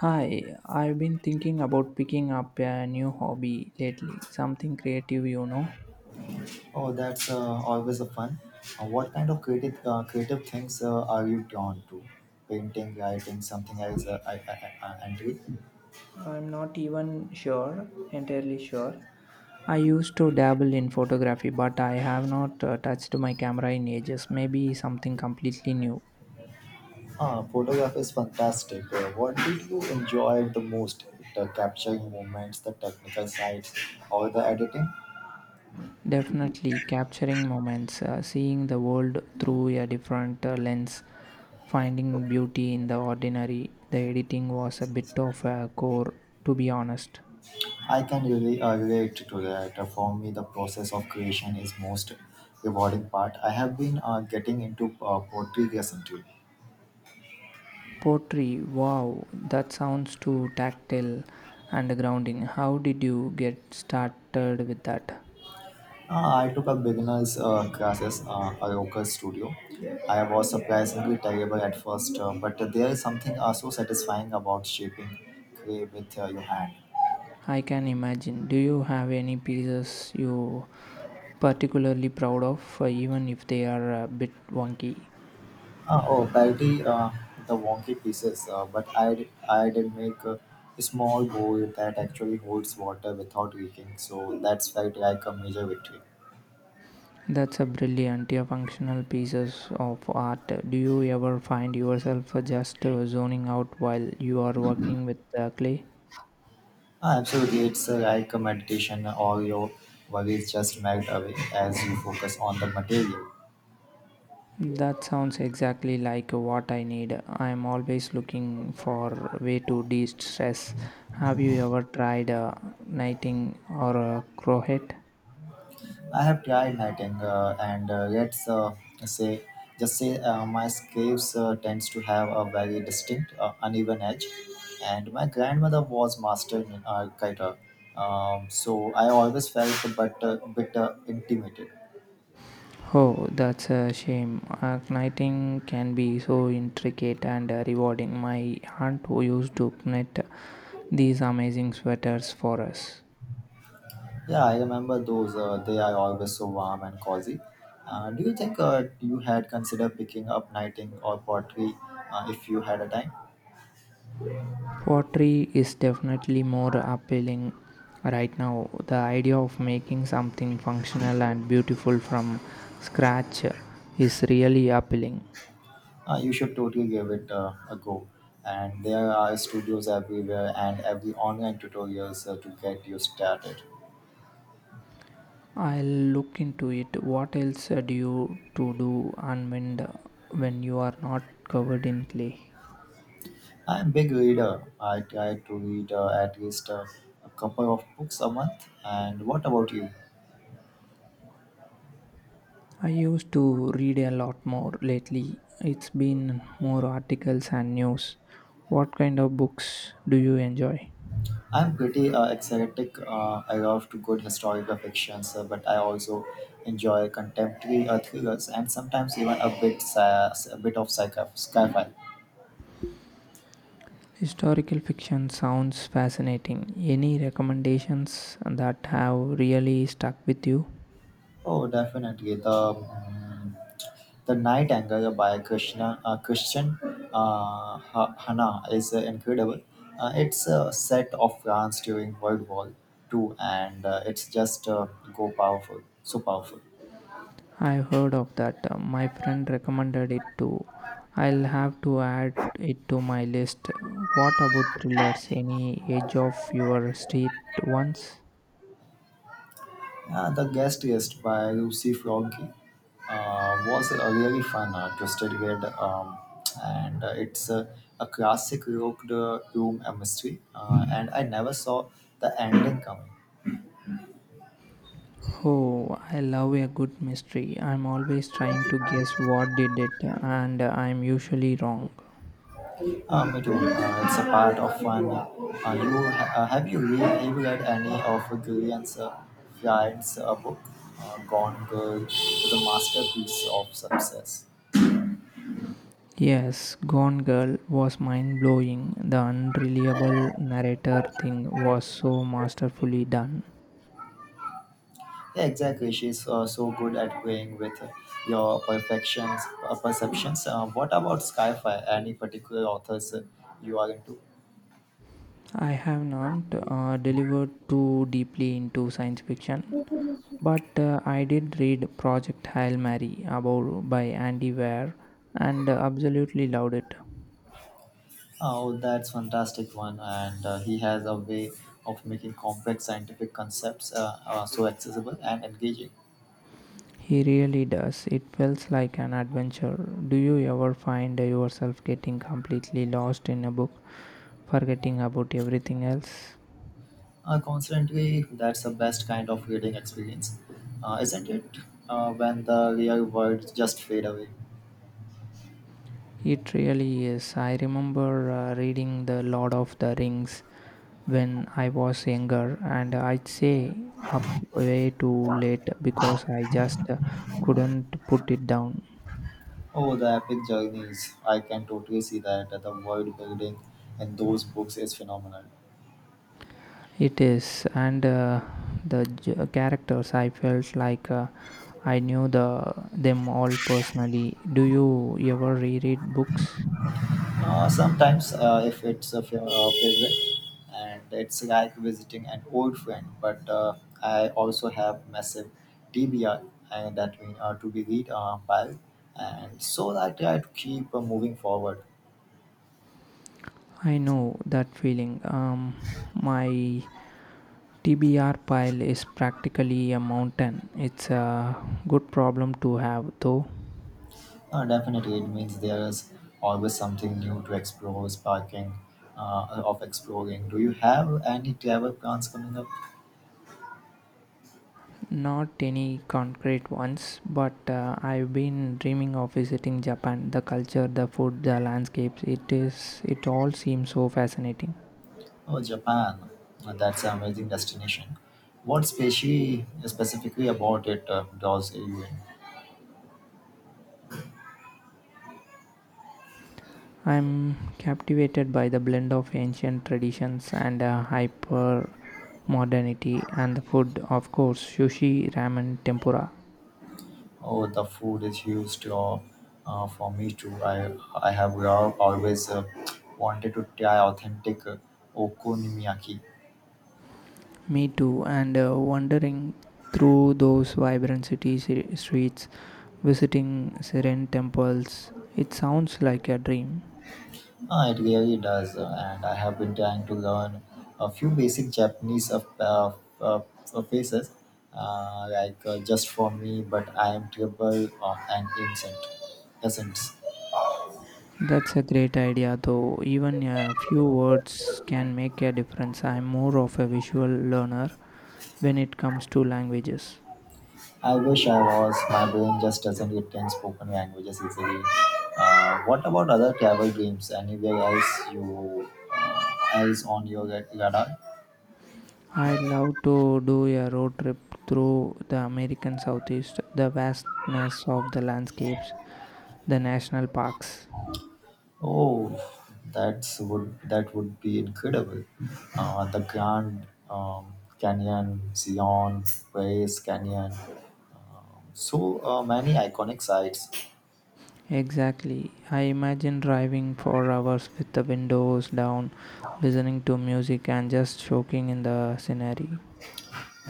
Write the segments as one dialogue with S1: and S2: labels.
S1: Hi, I've been thinking about picking up a new hobby lately, something creative, you know.
S2: Oh, that's always a fun. What kind of creative creative things are you drawn to? Painting, writing, something else, I- and
S1: I'm not even sure, entirely sure. I used to dabble in photography, but I have not touched my camera in ages. Maybe something completely new.
S2: photograph is fantastic. What did you enjoy the most? The capturing moments, the technical sides, or the editing?
S1: Definitely capturing moments, seeing the world through a different lens, finding beauty in the ordinary. The editing was a bit of a chore, to be honest.
S2: I can really relate to that. For me, the process of creation is most rewarding part. I have been getting into poetry recently.
S1: Pottery, wow, that sounds too tactile and grounding. How did you get started with that?
S2: I took a beginner's classes at a local studio. I was surprisingly terrible at first, but there is something so satisfying about shaping clay with your hand.
S1: I can imagine. Do you have any pieces you particularly proud of, even if they are a bit wonky?
S2: Oh, parody the wonky pieces, I did make a small bowl that actually holds water without leaking, so that's felt like a major victory.
S1: That's a brilliant. Your functional pieces of art. Do you ever find yourself just zoning out while you are working with clay?
S2: Absolutely, it's like a meditation, all your worries just melt away as you focus on the material.
S1: That sounds exactly like what I need. I'm always looking for way to de-stress. Have you ever tried knitting or crochet?
S2: I have tried knitting, and yet say just say my scapes tends to have a very distinct uneven edge, and my grandmother was master in kiter, so I always felt a bit, intimidated.
S1: Oh, that's a shame. Knitting can be so intricate and rewarding. My aunt who used to knit these amazing sweaters for us.
S2: Yeah, I remember those. They are always so warm and cozy. Do you think you had considered picking up knitting or pottery if you had a time?
S1: Pottery is definitely more appealing right now. The idea of making something functional and beautiful from scratch is really appealing.
S2: You should totally give it a go. And there are studios everywhere and every online tutorials to get you started.
S1: I'll look into it. What else do you to do and when you are not covered in clay?
S2: I'm a big reader. I try to read at least a couple of books a month. And what about you?
S1: I used to read a lot more lately. It's been more articles and news. What kind of books do you enjoy?
S2: I'm pretty eclectic. I love to good historical fictions, but I also enjoy contemporary thrillers and sometimes even a bit sci- a bit of sci- sci-fi.
S1: Historical fiction sounds fascinating. Any recommendations that have really stuck with you?
S2: Oh, definitely The Night Angle by Krishna, Christian Hana is incredible. It's a set of France during World War II and it's just go powerful, so powerful.
S1: I've heard of that. My friend recommended it too. I'll have to add it to my list. What about thrillers? Any edge of your street ones?
S2: The Guest List by Lucy Froggy was a really fun twisted read and it's a classic rocked room mystery and I never saw the ending coming.
S1: Oh, I love a good mystery. I'm always trying to guess what did it, and I'm usually wrong.
S2: Me too. It's a part of fun. You ha- have you read Have you read any of Gillian's Flint's book? Gone Girl the masterpiece of success.
S1: Yes, Gone Girl was mind blowing. The unreliable narrator thing was so masterfully done.
S2: Yeah, exactly. She's so good at playing with your perceptions. What about Skyfire? Any particular authors you are into?
S1: I have not delivered too deeply into science fiction, but I did read Project Hail Mary about by Andy Weir and absolutely loved it.
S2: Oh, that's fantastic one, and he has a way of making complex scientific concepts so accessible and engaging.
S1: He really does. It feels like an adventure. Do you ever find yourself getting completely lost in a book, forgetting about everything else?
S2: Constantly, that's the best kind of reading experience, isn't it? When the real words just fade away.
S1: It really is. I remember reading The Lord of the Rings when I was younger, and I'd say up way too late because I just couldn't put it down.
S2: Oh, the epic journeys. I can totally see that. The world building in those books is phenomenal.
S1: It is, and the characters, I felt like I knew the them all personally. Do you ever reread books?
S2: Sometimes, If it's a favorite, and it's like visiting an old friend, but I also have massive TBR, and that means to be read pile. And so I try to keep moving forward.
S1: I know that feeling. My TBR pile is practically a mountain. It's a good problem to have, though.
S2: Definitely, it means there's always something new to explore, sparking of exploring. Do you have any travel plans coming up?
S1: Not any concrete ones, but I've been dreaming of visiting Japan. The culture, the food, the landscapes, it is it all seems so fascinating.
S2: Oh, Japan. That's an amazing destination. What specie Specifically about it draws you in?
S1: I'm captivated by the blend of ancient traditions and hyper modernity and the food, of course, sushi, ramen, tempura.
S2: Oh, the food is huge draw for me too. I have always wanted to try authentic okonomiyaki.
S1: Me too, and wandering through those vibrant streets, visiting serene temples, it sounds like a dream.
S2: It really does, and I have been trying to learn a few basic Japanese uh, of faces, like just for me, but I am terrible of an ancient essence.
S1: That's a great idea, though. Even a few words can make a difference. I'm more of a visual learner when it comes to languages.
S2: I wish I was. My brain just doesn't retain spoken languages easily. What about other travel games? Anywhere else you else on your radar?
S1: I love to do a road trip through the American Southeast, the vastness of the landscapes, the national parks.
S2: Oh, that would be incredible. The Grand Canyon, Zion, Ways Canyon, so many iconic sites.
S1: Exactly. I imagine driving for hours with the windows down, listening to music and just soaking in the scenery.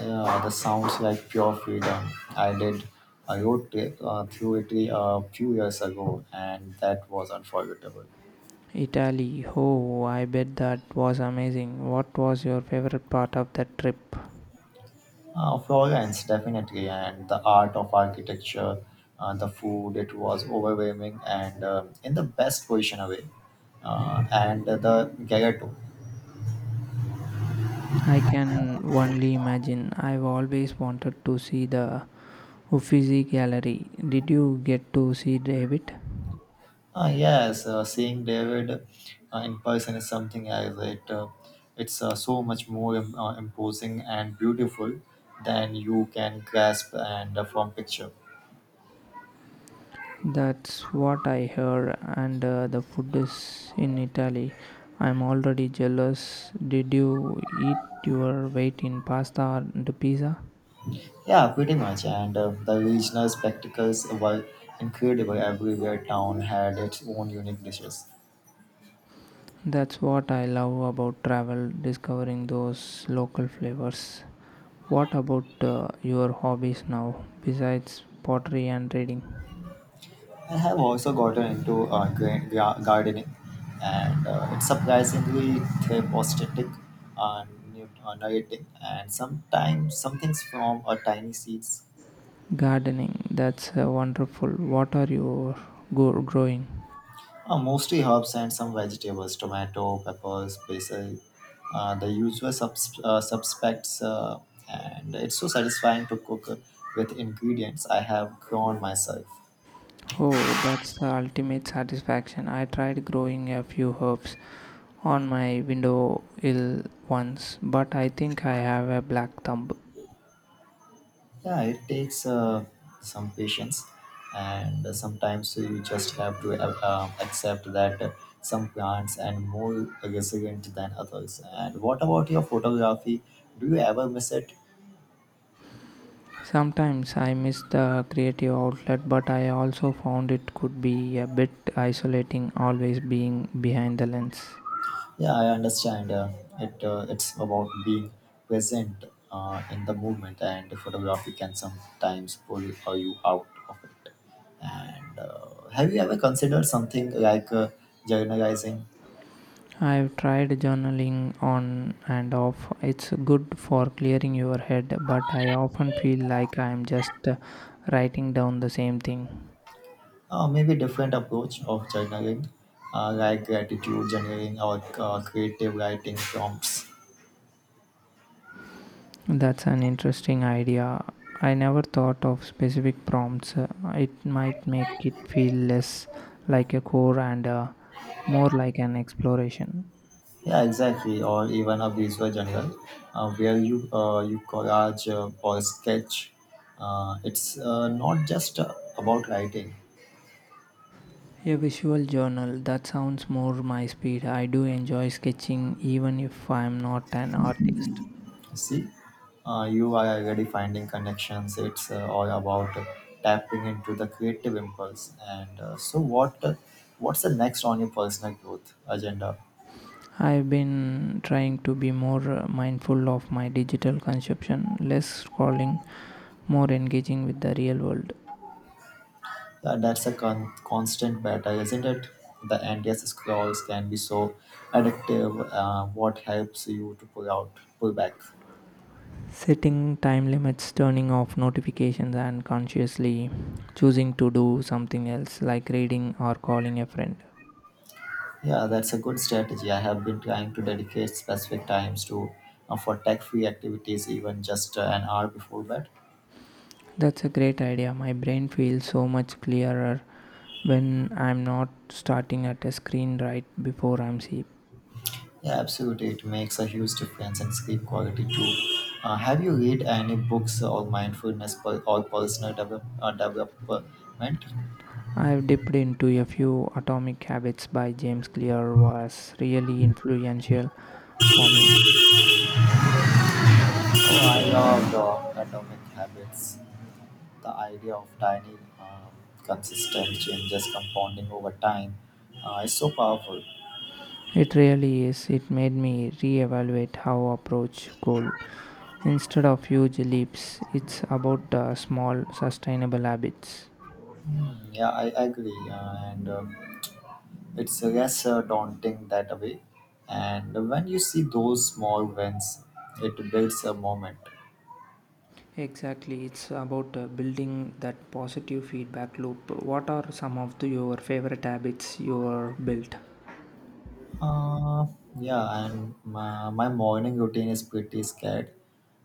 S2: Yeah, the sounds like pure freedom. I did a road trip through Italy a few years ago, and that was unforgettable.
S1: Italy. Oh, I bet that was amazing. What was your favorite part of that trip?
S2: Florence, definitely, and the art of architecture, the food, it was overwhelming and in the best position away. And the Gagato.
S1: I can only imagine. I've always wanted to see the Uffizi Gallery. Did you get to see David?
S2: Yes, seeing David in person is something else. It's so much more imposing and beautiful than you can grasp and from picture.
S1: That's what I heard, and the food is in Italy. I'm already jealous. Did you eat your weight in pasta and pizza?
S2: Yeah, pretty much. And the regional spectacles were incredible. Everywhere town had its own unique dishes.
S1: That's what I love about travel, discovering those local flavors. What about your hobbies now, besides pottery and reading?
S2: I have also gotten into gardening, and it's surprisingly therapeutic, and narrating, and sometimes some things from tiny seeds,
S1: Gardening, that's wonderful. What are you growing?
S2: mostly herbs and some vegetables, tomato, peppers, basil, the usual suspects, and it's so satisfying to cook with ingredients I have grown myself.
S1: Oh, that's the ultimate satisfaction. I tried growing a few herbs, on my window ill once, but I think I have a black thumb.
S2: Yeah, it takes some patience, and sometimes you just have to accept that some plants and more resilient than others. And what about your photography? Do you ever miss it?
S1: Sometimes I miss the creative outlet, but I also found it could be a bit isolating always being behind the lens.
S2: Yeah, I understand. It's about being present in the movement, and photography can sometimes pull you out of it. And have you ever considered something like journalizing?
S1: I've tried journaling on and off. It's good for clearing your head, but I often feel like I'm just writing down the same thing.
S2: Maybe different approach of journaling, like gratitude journaling or creative writing prompts.
S1: That's an interesting idea. I never thought of specific prompts. It might make it feel less like a core and more like an exploration.
S2: Yeah, exactly. Or even a visual journal, where you collage or sketch. It's not just about writing.
S1: A visual journal that sounds more my speed. I do enjoy sketching even if I'm not an artist.
S2: See, you are already finding connections. It's all about tapping into the creative impulse. And so, what's the next on your personal growth agenda?
S1: I've been trying to be more mindful of my digital consumption, less scrolling, more engaging with the real world.
S2: That's a constant battle, isn't it? The endless scrolls can be so addictive. What helps you to pull out, pull back?
S1: Setting time limits, turning off notifications and consciously choosing to do something else like reading or calling a friend.
S2: Yeah, that's a good strategy. I have been trying to dedicate specific times to for tech-free activities, even just an hour before bed.
S1: That's a great idea. My brain feels so much clearer when I'm not starting at a screen right before I'm sleep.
S2: Yeah, absolutely. It makes a huge difference in sleep quality too. Have you read any books on mindfulness or personal development?
S1: I've dipped into a few. Atomic Habits by James Clear was really influential for me.
S2: Oh, I love the Atomic Habits. The idea of tiny, consistent changes compounding over time is so powerful.
S1: It really is. It made me reevaluate how I approach goal. Instead of huge leaps, it's about small, sustainable habits.
S2: Hmm. Yeah, I agree. And It's less daunting that way. And when you see those small wins, it builds a moment.
S1: Exactly, it's about building that positive feedback loop. What are some of the, your favorite habits you are built?
S2: Uh, yeah, and my morning routine is pretty scared.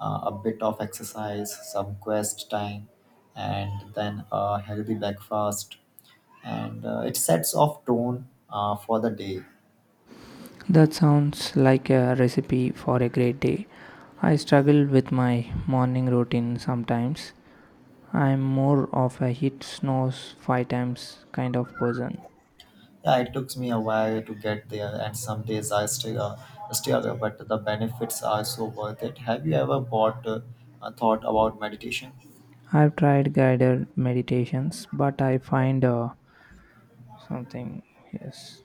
S2: A bit of exercise, some quest time, and then a healthy breakfast. And it sets off tone for the day.
S1: That sounds like a recipe for a great day. I struggle with my morning routine sometimes. I'm more of a hit snooze five times kind of person.
S2: Yeah, it took me a while to get there, and some days I still struggle, but the benefits are so worth it. Have you ever bought thought about meditation?
S1: I've tried guided meditations, but I find something yes